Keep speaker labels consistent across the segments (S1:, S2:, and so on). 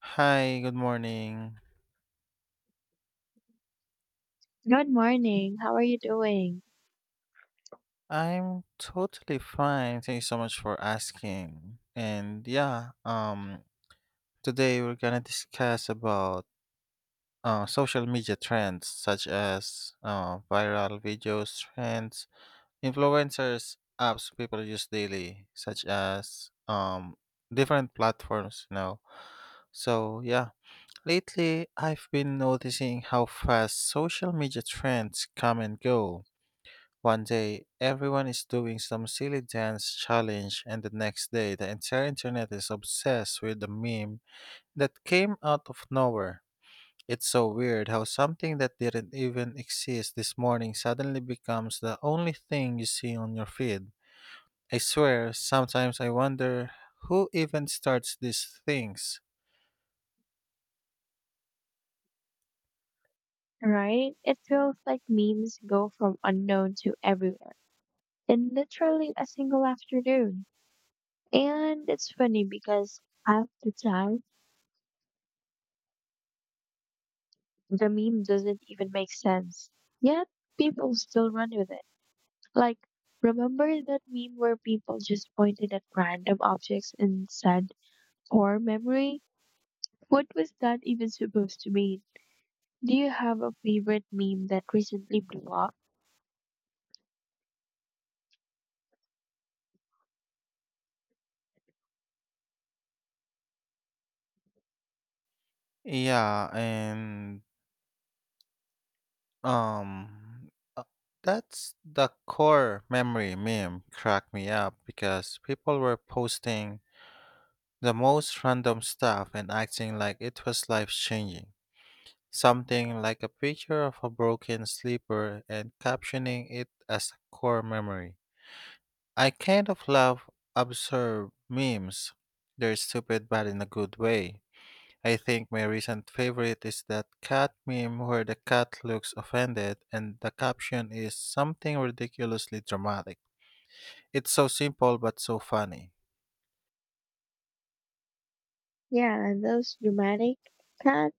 S1: Hi, good morning.
S2: Good morning. How are you doing?
S1: I'm totally fine. Thank you so much for asking. And today we're gonna discuss about social media trends such as viral videos, trends, influencers, apps people use daily, such as different platforms. So yeah. Lately, I've been noticing how fast social media trends come and go. One day, everyone is doing some silly dance challenge, and the next day, the entire internet is obsessed with the meme that came out of nowhere. It's so weird how something that didn't even exist this morning suddenly becomes the only thing you see on your feed. I swear, sometimes I wonder who even starts these things.
S2: Right? It feels like memes go from unknown to everywhere in literally a single afternoon. And it's funny because half the time, the meme doesn't even make sense. Yet, people still run with it. Like, remember that meme where people just pointed at random objects and said, poor memory? What was that even supposed to mean? Do you have a favorite meme that recently blew up?
S1: Yeah, and Um, uh, that's the core memory meme cracked me up because people were posting the most random stuff and acting like it was life changing. Something like a picture of a broken sleeper and captioning it as a core memory. I kind of love absurd memes. They're stupid but in a good way. I think my recent favorite is that cat meme where the cat looks offended and the caption is something ridiculously dramatic. It's so simple but so funny.
S2: Yeah, and those dramatic cat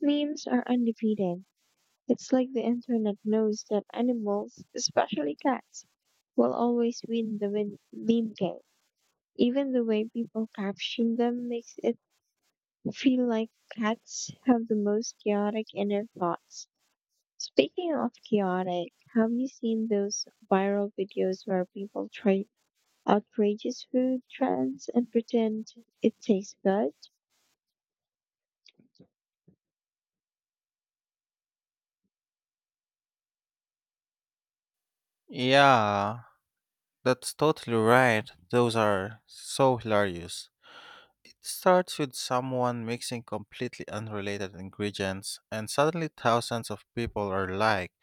S2: memes are undefeated. It's like the internet knows that animals, especially cats, will always win the meme game. Even the way people caption them makes it feel like cats have the most chaotic inner thoughts. Speaking of chaotic, have you seen those viral videos where people try outrageous food trends and pretend it tastes good?
S1: Yeah, that's totally right. Those are so hilarious. It starts with someone mixing completely unrelated ingredients, and suddenly thousands of people are like,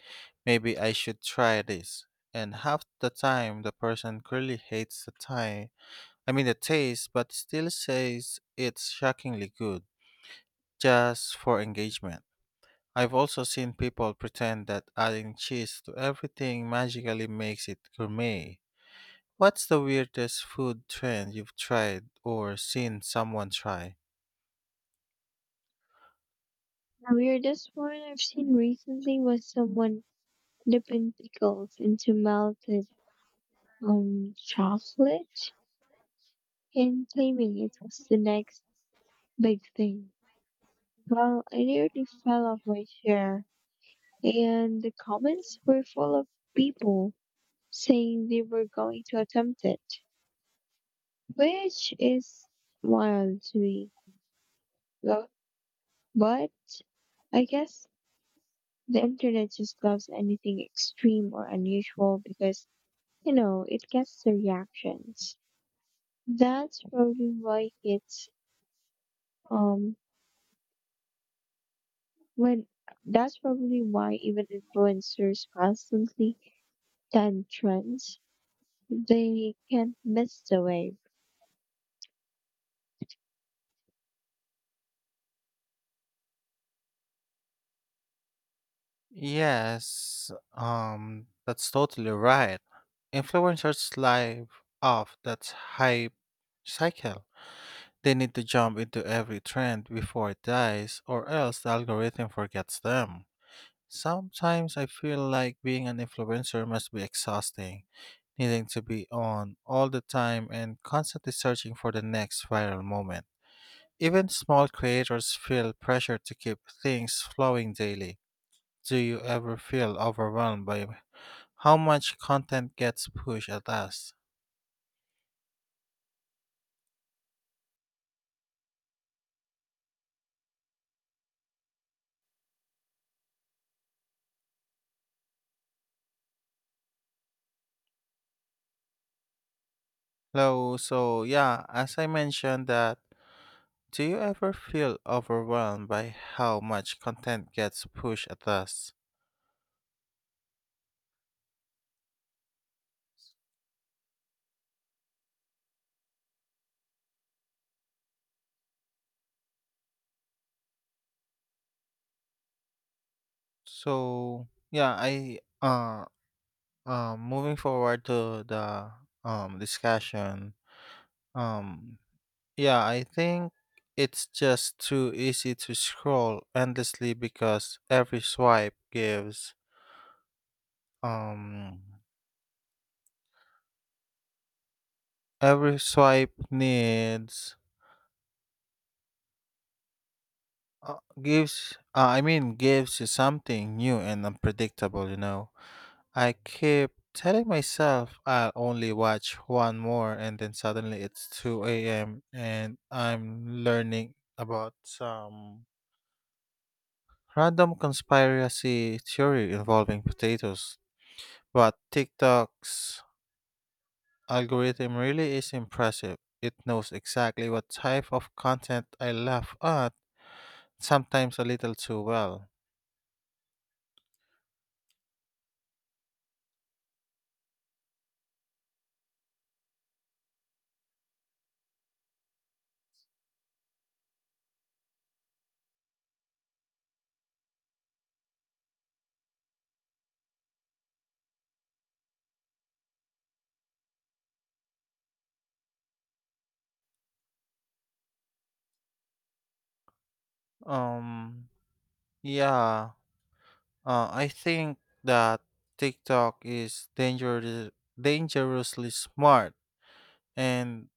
S1: maybe I should try this. And half the time, the person clearly hates I mean the taste, but still says it's shockingly good, just for engagement. I've also seen people pretend that adding cheese to everything magically makes it gourmet. What's the weirdest food trend you've tried or seen someone try?
S2: Weirdest one I've seen recently was someone dipping pickles into melted chocolate and claiming it was the next big thing. Well, I nearly fell off my chair, and the comments were full of people saying they were going to attempt it, which is wild to me. Well, But I guess the internet just loves anything extreme or unusual because, you know, it gets the reactions. That's probably why it's um when that's probably why even influencers constantly tend trends. They can't miss the wave.
S1: Yes, that's totally right. Influencers live off that hype cycle. They need to jump into every trend before it dies, or else the algorithm forgets them. Sometimes I feel like being an influencer must be exhausting, needing to be on all the time and constantly searching for the next viral moment. Even small creators feel pressure to keep things flowing daily. Do you ever feel overwhelmed by how much content gets pushed at us? Hello, so yeah, as I mentioned that, do you ever feel overwhelmed by how much content gets pushed at us? So yeah, I moving forward to the discussion. Um yeah, I think it's just too easy to scroll endlessly because every swipe gives um every swipe needs gives I mean gives you something new and unpredictable, you know. I keep telling myself I'll only watch one more and then suddenly it's 2 a.m. and I'm learning about some random conspiracy theory involving potatoes. But TikTok's algorithm really is impressive. It knows exactly what type of content I laugh at, sometimes a little too well. Um Yeah, I think that TikTok is dangerous, dangerously smart, and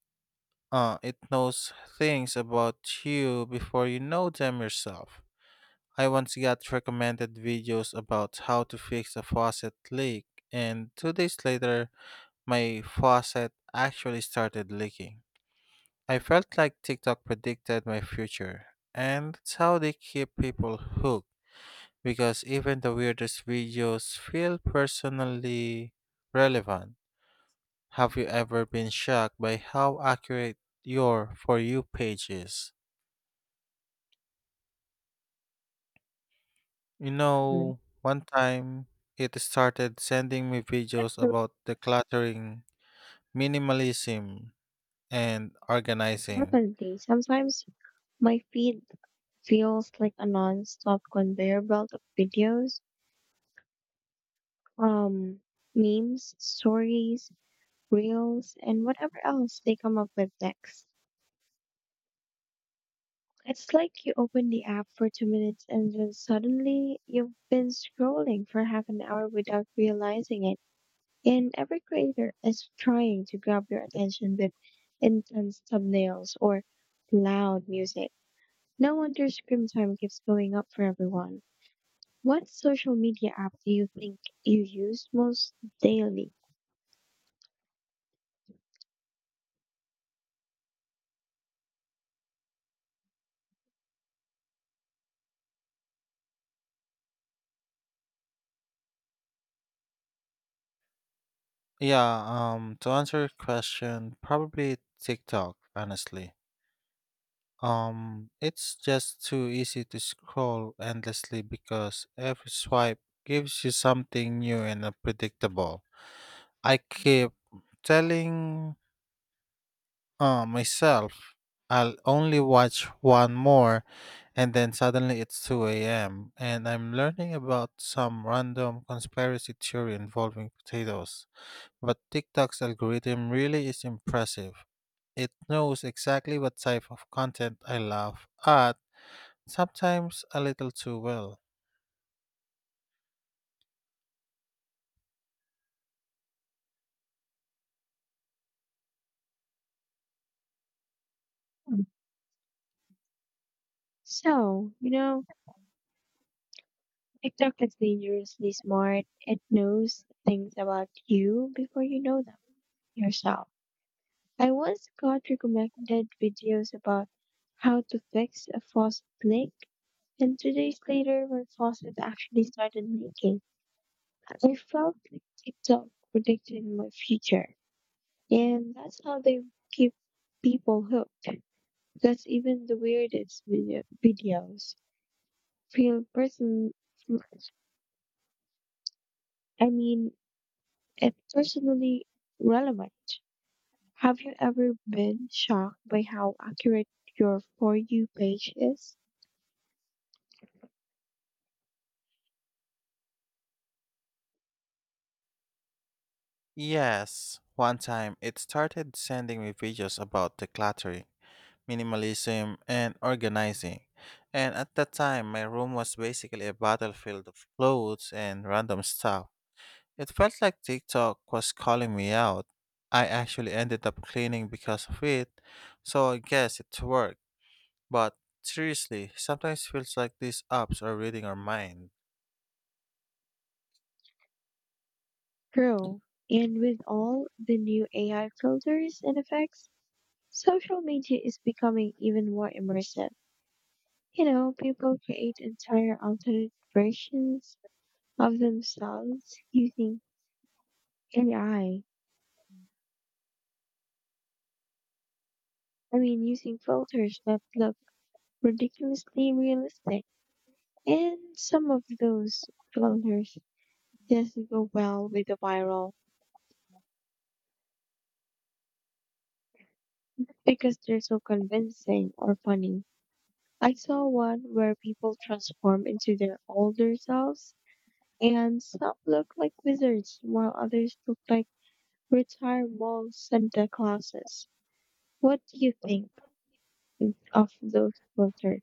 S1: it knows things about you before you know them yourself. I once got recommended videos about how to fix a faucet leak, and two days later, my faucet actually started leaking. I felt like TikTok predicted my future, and that's how they keep people hooked, because even the weirdest videos feel personally relevant. Have you ever been shocked by how accurate your For You page is? You
S2: Mm.
S1: know, one time it started sending me videos
S2: So
S1: about decluttering, minimalism, and organizing.
S2: definitely. Sometimes my feed feels like a non-stop conveyor belt of videos, um, memes, stories, reels, and whatever else they come up with next. It's like you open the app for 2 minutes and then suddenly you've been scrolling for half an hour without realizing it. And every creator is trying to grab your attention with intense thumbnails or loud music. No wonder screen time keeps going up for everyone. What social media app do you think you use most daily?
S1: Yeah, to answer your question, probably TikTok, honestly. It's just too easy to scroll endlessly because every swipe gives you something new and unpredictable. I keep telling myself I'll only watch one more, and then suddenly it's 2 a.m., and I'm learning about some random conspiracy theory involving potatoes. But TikTok's algorithm really is impressive. It knows exactly what type of content I love at. Sometimes a little too well.
S2: Um, So, you know, TikTok is dangerously smart. It knows things about you before you know them yourself. I once got recommended videos about how to fix a faucet leak, and 2 days later, my faucet actually started leaking. I felt like TikTok predicted my future, and that's how they keep people hooked. Because even the weirdest videos feel person. I mean, and personally relevant. Have you ever been shocked by how accurate your For You page is?
S1: Yes, one time it started sending me videos about decluttering, minimalism, and organizing. And at that time, my room was basically a battlefield of clothes and random stuff. It felt like TikTok was calling me out. I actually ended up cleaning because of it, so I guess it worked. But seriously, sometimes feels like these apps are reading our minds.
S2: True. And with all the new AI filters and effects, social media is becoming even more immersive. You know, people create entire alternate versions of themselves using AI. I I mean, using filters that look ridiculously realistic. And some of those filters, yes, they go well with the viral because they're so convincing or funny. I saw one where people transform into their older selves, and some look like wizards while others look like retired mall Santa Clauses. What do you think of those filters?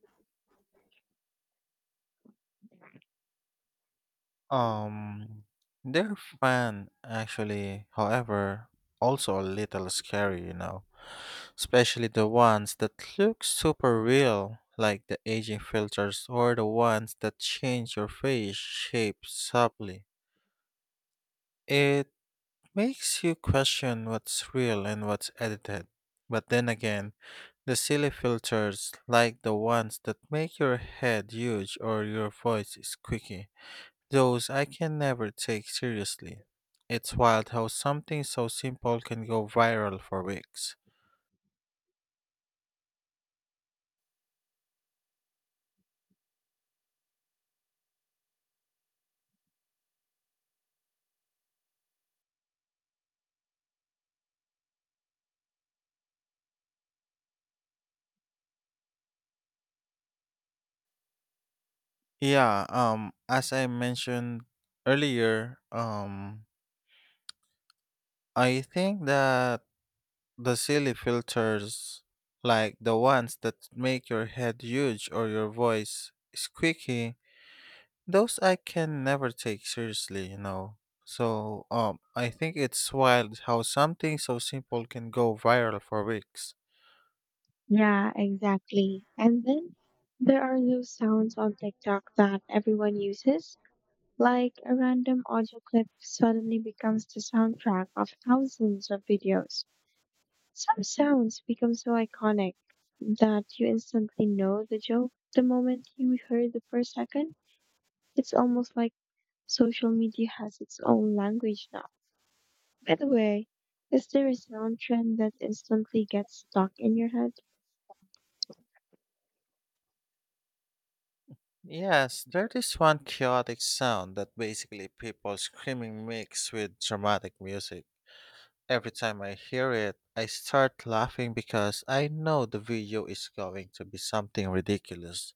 S1: Um, they're fun actually, however, also a little scary, you know. Especially the ones that look super real, like the aging filters or the ones that change your face shape subtly. It makes you question what's real and what's edited. But then again, the silly filters, like the ones that make your head huge or your voice squeaky, those I can never take seriously. It's wild how something so simple can go viral for weeks. Yeah, as I mentioned earlier, I think that the silly filters like the ones that make your head huge or your voice squeaky, those I can never take seriously, you know. So, I think it's wild how something so simple can go viral for weeks.
S2: Yeah, exactly. And then there are those sounds on TikTok that everyone uses, like a random audio clip suddenly becomes the soundtrack of thousands of videos. Some sounds become so iconic that you instantly know the joke the moment you heard the first second. It's almost like social media has its own language now. By the way, is there a sound trend that instantly gets stuck in your head?
S1: Yes, there is one chaotic sound that basically people screaming mixed with dramatic music. Every time I hear it, I start laughing because I know the video is going to be something ridiculous,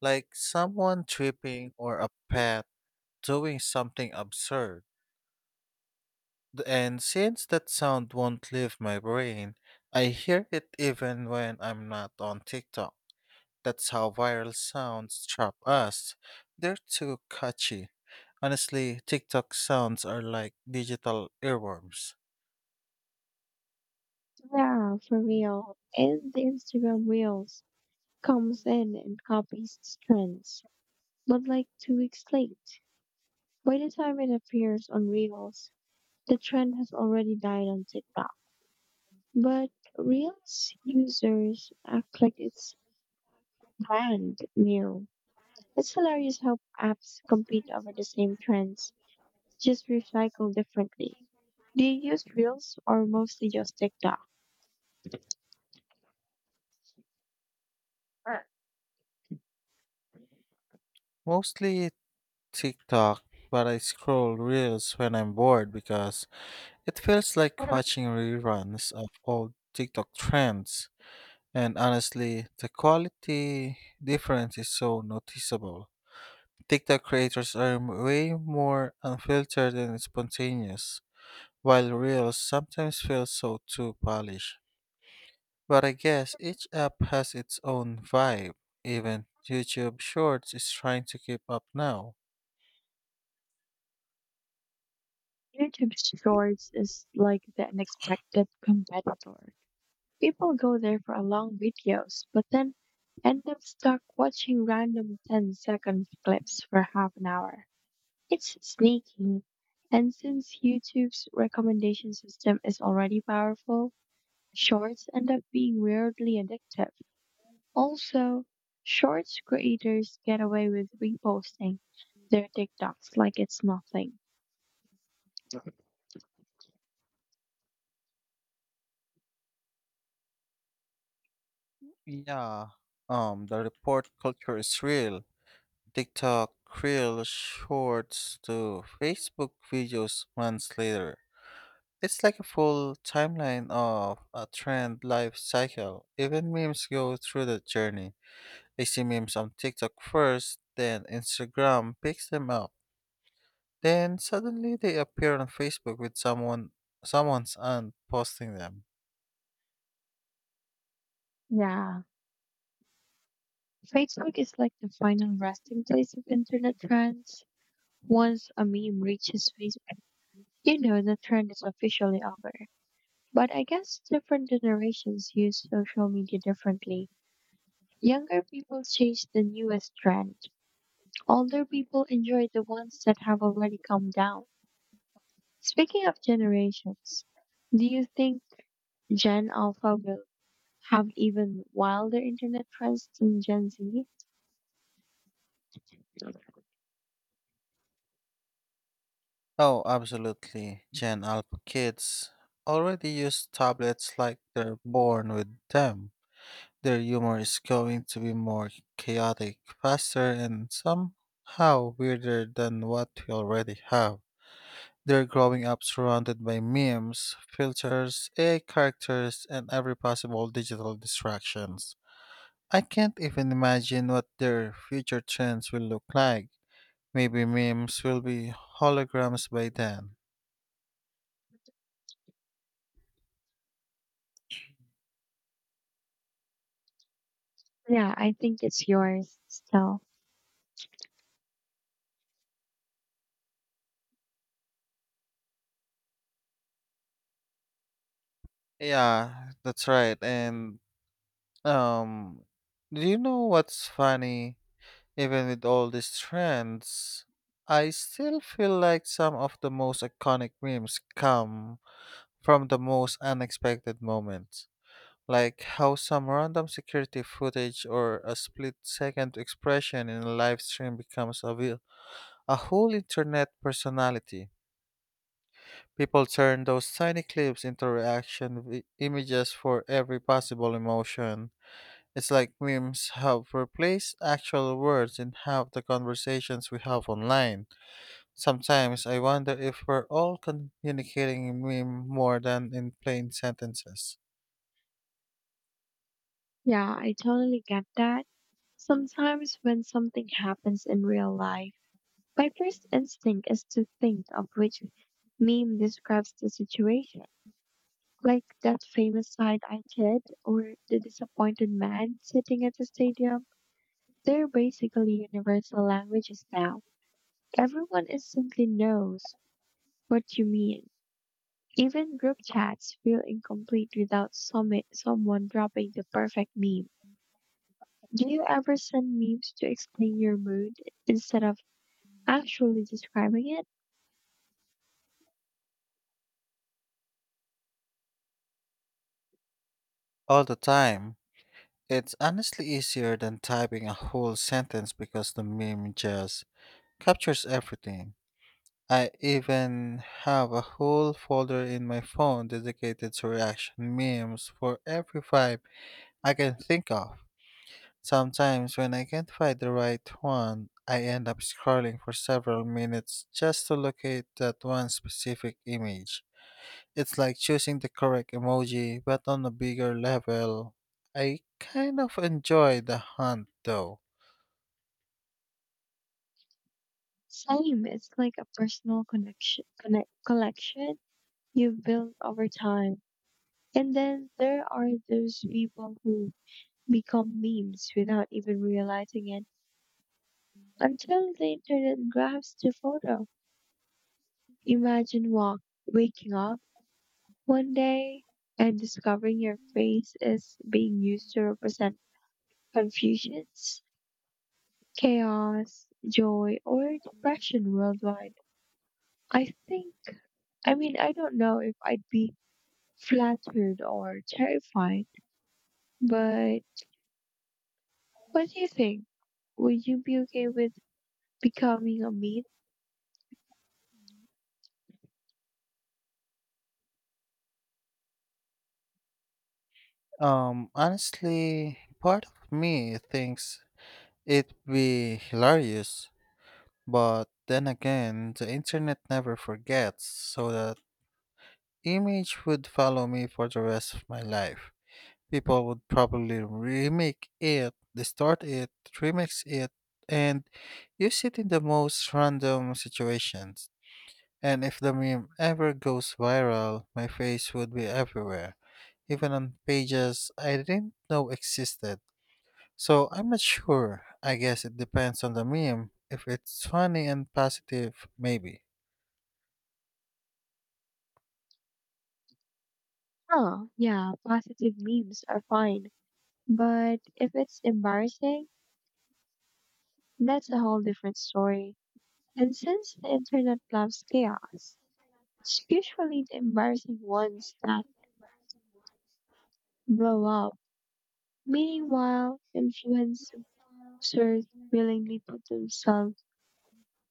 S1: like someone tripping or a pet doing something absurd. And since that sound won't leave my brain, I hear it even when I'm not on TikTok. That's how viral sounds trap us. They're too catchy. Honestly, TikTok sounds are like digital earworms.
S2: Yeah, for real. And the Instagram Reels comes in and copies these trends, but like 2 weeks late. By the time it appears on Reels, the trend has already died on TikTok. But Reels users act like it's brand new. It's hilarious how apps compete over the same trends, just recycled differently. Do you use Reels or mostly just TikTok?
S1: Mostly TikTok, but I scroll reels when I'm bored because it feels like watching reruns of old TikTok trends. And honestly, the quality difference is so noticeable. TikTok creators are way more unfiltered and spontaneous, while reels sometimes feel so too polished. But I guess each app has its own vibe. Even YouTube Shorts is trying to keep up now.
S2: YouTube Shorts is like the unexpected competitor. People go there for long videos, but then end up stuck watching random 10-second clips for half an hour. It's sneaky. And since YouTube's recommendation system is already powerful, shorts end up being weirdly addictive. Also, shorts creators get away with reposting their TikToks like it's nothing.
S1: Yeah, the report culture is real. TikTok, Reel, Shorts to Facebook videos months later. It's like a full timeline of a trend life cycle. Even memes go through the journey. I see memes on TikTok first, then Instagram picks them up. Then suddenly they appear on Facebook with someone's aunt posting them.
S2: Yeah. Facebook is like the final resting place of internet trends. Once a meme reaches Facebook, you know the trend is officially over. But I guess different generations use social media differently. Younger people chase the newest trend. Older people enjoy the ones that have already come down. Speaking of generations, do you think Gen Alpha will have even wilder internet trends than Gen Z?
S1: Oh, absolutely. Gen Alpha kids already use tablets like they're born with them. Their humor is going to be more chaotic, faster, and somehow weirder than what we already have. They're growing up surrounded by memes, filters, AI characters, and every possible digital distractions. I can't even imagine what their future trends will look like. Maybe memes will be holograms by then.
S2: Yeah, I think it's yours still.
S1: Yeah, that's right. And um do you know what's funny? Even with all these trends, I still feel like some of the most iconic memes come from the most unexpected moments. Like how some random security footage or a split second expression in a live stream becomes a a whole internet personality. People turn those tiny clips into reaction images for every possible emotion. It's like memes have replaced actual words in half the conversations we have online. Sometimes I wonder if we're all communicating in meme more than in plain sentences.
S2: Yeah, I totally get that. Sometimes when something happens in real life, my first instinct is to think of which meme describes the situation, like that famous side-eye kid or the disappointed man sitting at the stadium. They're basically universal languages now. Everyone instantly knows what you mean. Even group chats feel incomplete without someone dropping the perfect meme. Do you ever send memes to explain your mood instead of actually describing it?
S1: All the time. It's honestly easier than typing a whole sentence because the meme just captures everything. I even have a whole folder in my phone dedicated to reaction memes for every vibe I can think of. Sometimes, when I can't find the right one, I end up scrolling for several minutes just to locate that one specific image. It's like choosing the correct emoji, but on a bigger level. I kind of enjoy the hunt though.
S2: Same. It's like a personal collection you've built over time. And then there are those people who become memes without even realizing it until the internet grabs the photo. Imagine waking up one day and discovering your face is being used to represent confusions, chaos, joy, or depression worldwide. I think, I don't know if I'd be flattered or terrified, but what do you think? Would you be okay with becoming a meme?
S1: Honestly, part of me thinks it'd be hilarious. But then again, the internet never forgets, so that image would follow me for the rest of my life. People would probably remake it, distort it, remix it, and use it in the most random situations. And if the meme ever goes viral, my face would be everywhere, even on pages I didn't know existed. So I'm not sure. I guess it depends on the meme. If it's funny and positive, maybe.
S2: Oh, yeah, positive memes are fine. But if it's embarrassing, that's a whole different story. And since the internet loves chaos, it's usually the embarrassing ones that blow up. Meanwhile, influencers willingly put themselves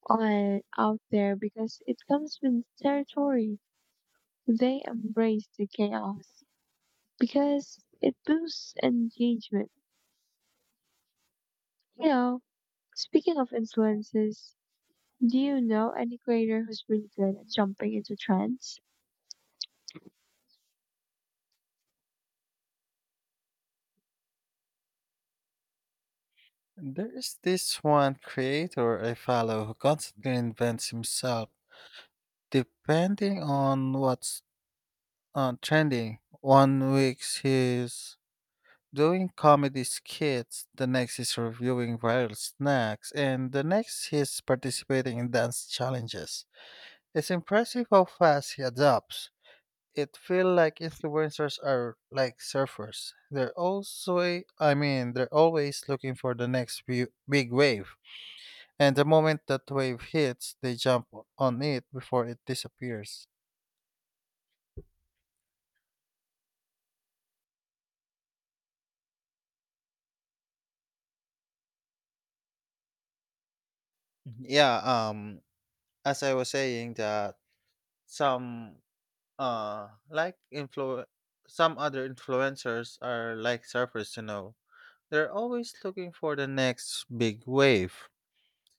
S2: out there because it comes with territory. They embrace the chaos because it boosts engagement. You know, speaking of influences, do you know any creator who's really good at jumping into trends?
S1: There's this one creator I follow who constantly invents himself, depending on what's trending. One week he's doing comedy skits, the next he's reviewing viral snacks, and the next he's participating in dance challenges. It's impressive how fast he adapts. It feels like influencers are like surfers. They're also, I mean, they're always looking for the next big wave. And the moment that wave hits, they on it before it disappears. Mhm. Yeah, as I was saying that some uh like influ some other influencers are like surfers, you know. They're always looking for the next big wave.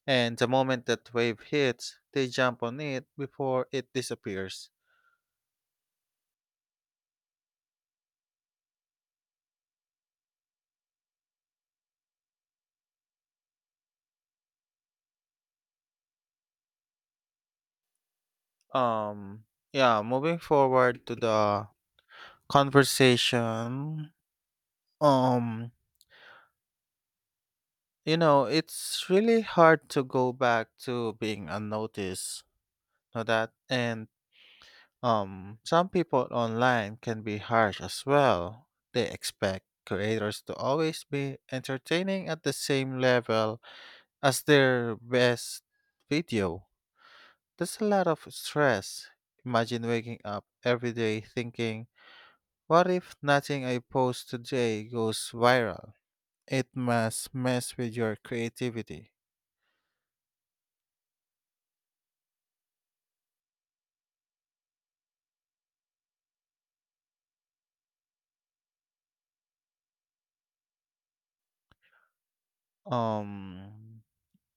S1: And the moment that wave hits, they jump on it before it disappears. Um yeah, moving forward to the conversation. Um You know, it's really hard to go back to being unnoticed, know that? And some people online can be harsh as well. They expect creators to always be entertaining at the same level as their best video. That's a lot of stress. Imagine waking up every day thinking, what if nothing I post today goes viral? It must mess with your creativity. Um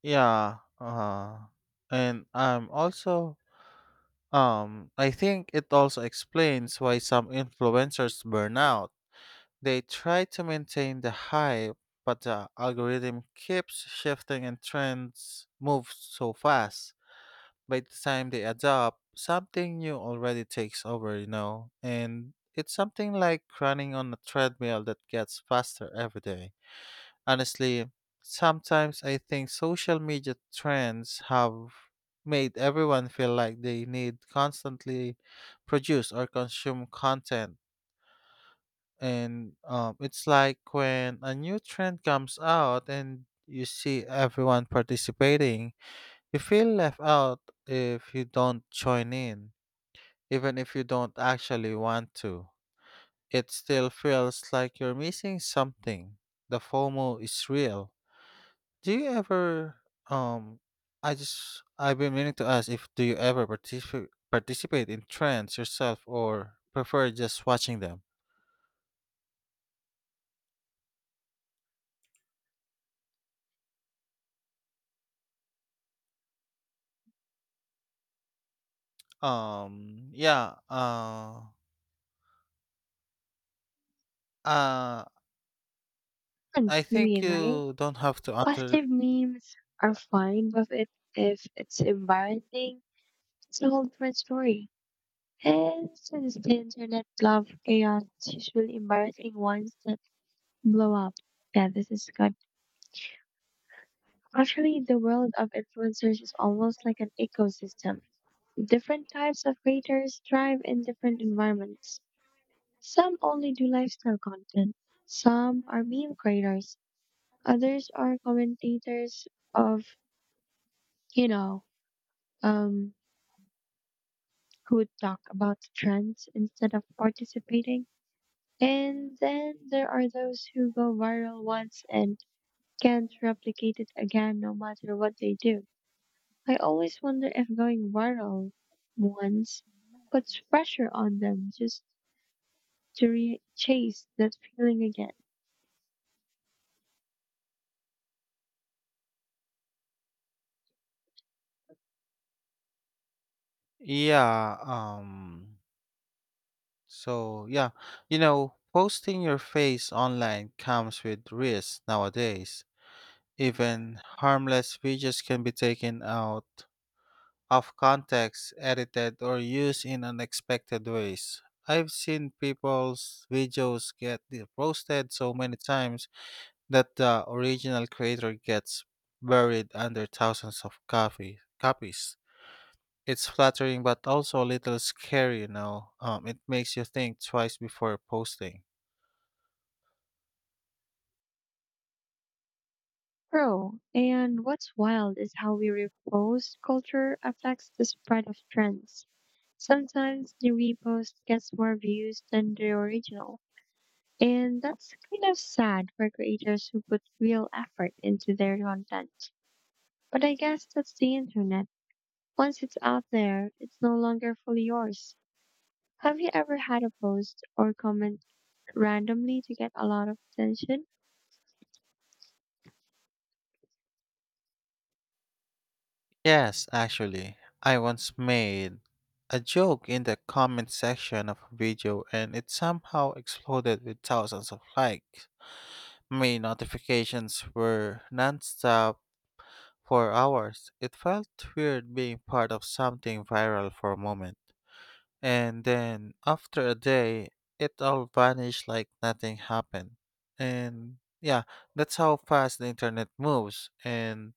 S1: Yeah, and I'm also I think it also explains why some influencers burn out. They try to maintain the hype, but the algorithm keeps shifting and trends move so fast. By the time they adopt, something new already takes over, you know, and it's something like running on a treadmill that gets faster every day. Honestly, sometimes I think social media trends have made everyone feel like they need constantly produce or consume content. And it's like when a new trend comes out and you see everyone participating, you feel left out if you don't join in, even if you don't actually want to. It still feels like you're missing something. The FOMO is real. Do you ever um I just I've been meaning to ask if do you ever participate in trends yourself or prefer just watching them? Um yeah, uh uh I
S2: Trends, you
S1: think
S2: mean, right?
S1: you don't have to answer
S2: Positive memes are
S1: yeah.
S2: fine, but if it's embarrassing, it's a whole different story. And since the internet love chaos, it's usually embarrassing ones that blow up. Yeah, this is good. Actually, the world of influencers is almost like an ecosystem. Different types of creators thrive in different environments. Some only do lifestyle content. Some are meme creators. Others are commentators of, you know, um, who talk about trends instead of participating. And then there are those who go viral once and can't replicate it again no matter what they do. I always wonder if going viral once puts pressure on them just to chase that feeling again.
S1: Yeah, um so yeah, you know, posting your face online comes with risks nowadays. Even harmless videos can be taken out of context, edited, or used in unexpected ways. I've seen people's videos get roasted so many times that the original creator gets buried under thousands of copies. It's flattering but also a little scary, you know. It makes you think twice before posting.
S2: Bro, and what's wild is how we repost culture affects the spread of trends. Sometimes the repost gets more views than the original. And that's kind of sad for creators who put real effort into their content. But I guess that's the internet. Once it's out there, it's no longer fully yours. Have you ever had a post or comment randomly to get a lot of attention?
S1: Yes, actually, I once made a joke in the comment section of a video and it somehow exploded with thousands of likes. My notifications were nonstop for hours. It felt weird being part of something viral for a moment. And then, after a day, it all vanished like nothing happened. And yeah, that's how fast the internet moves. And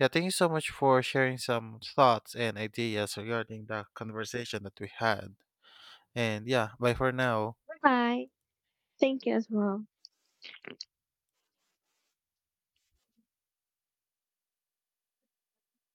S1: yeah, thank you so much for sharing some thoughts and ideas regarding the conversation that we had. And yeah, bye for now.
S2: Bye. Thank you as well.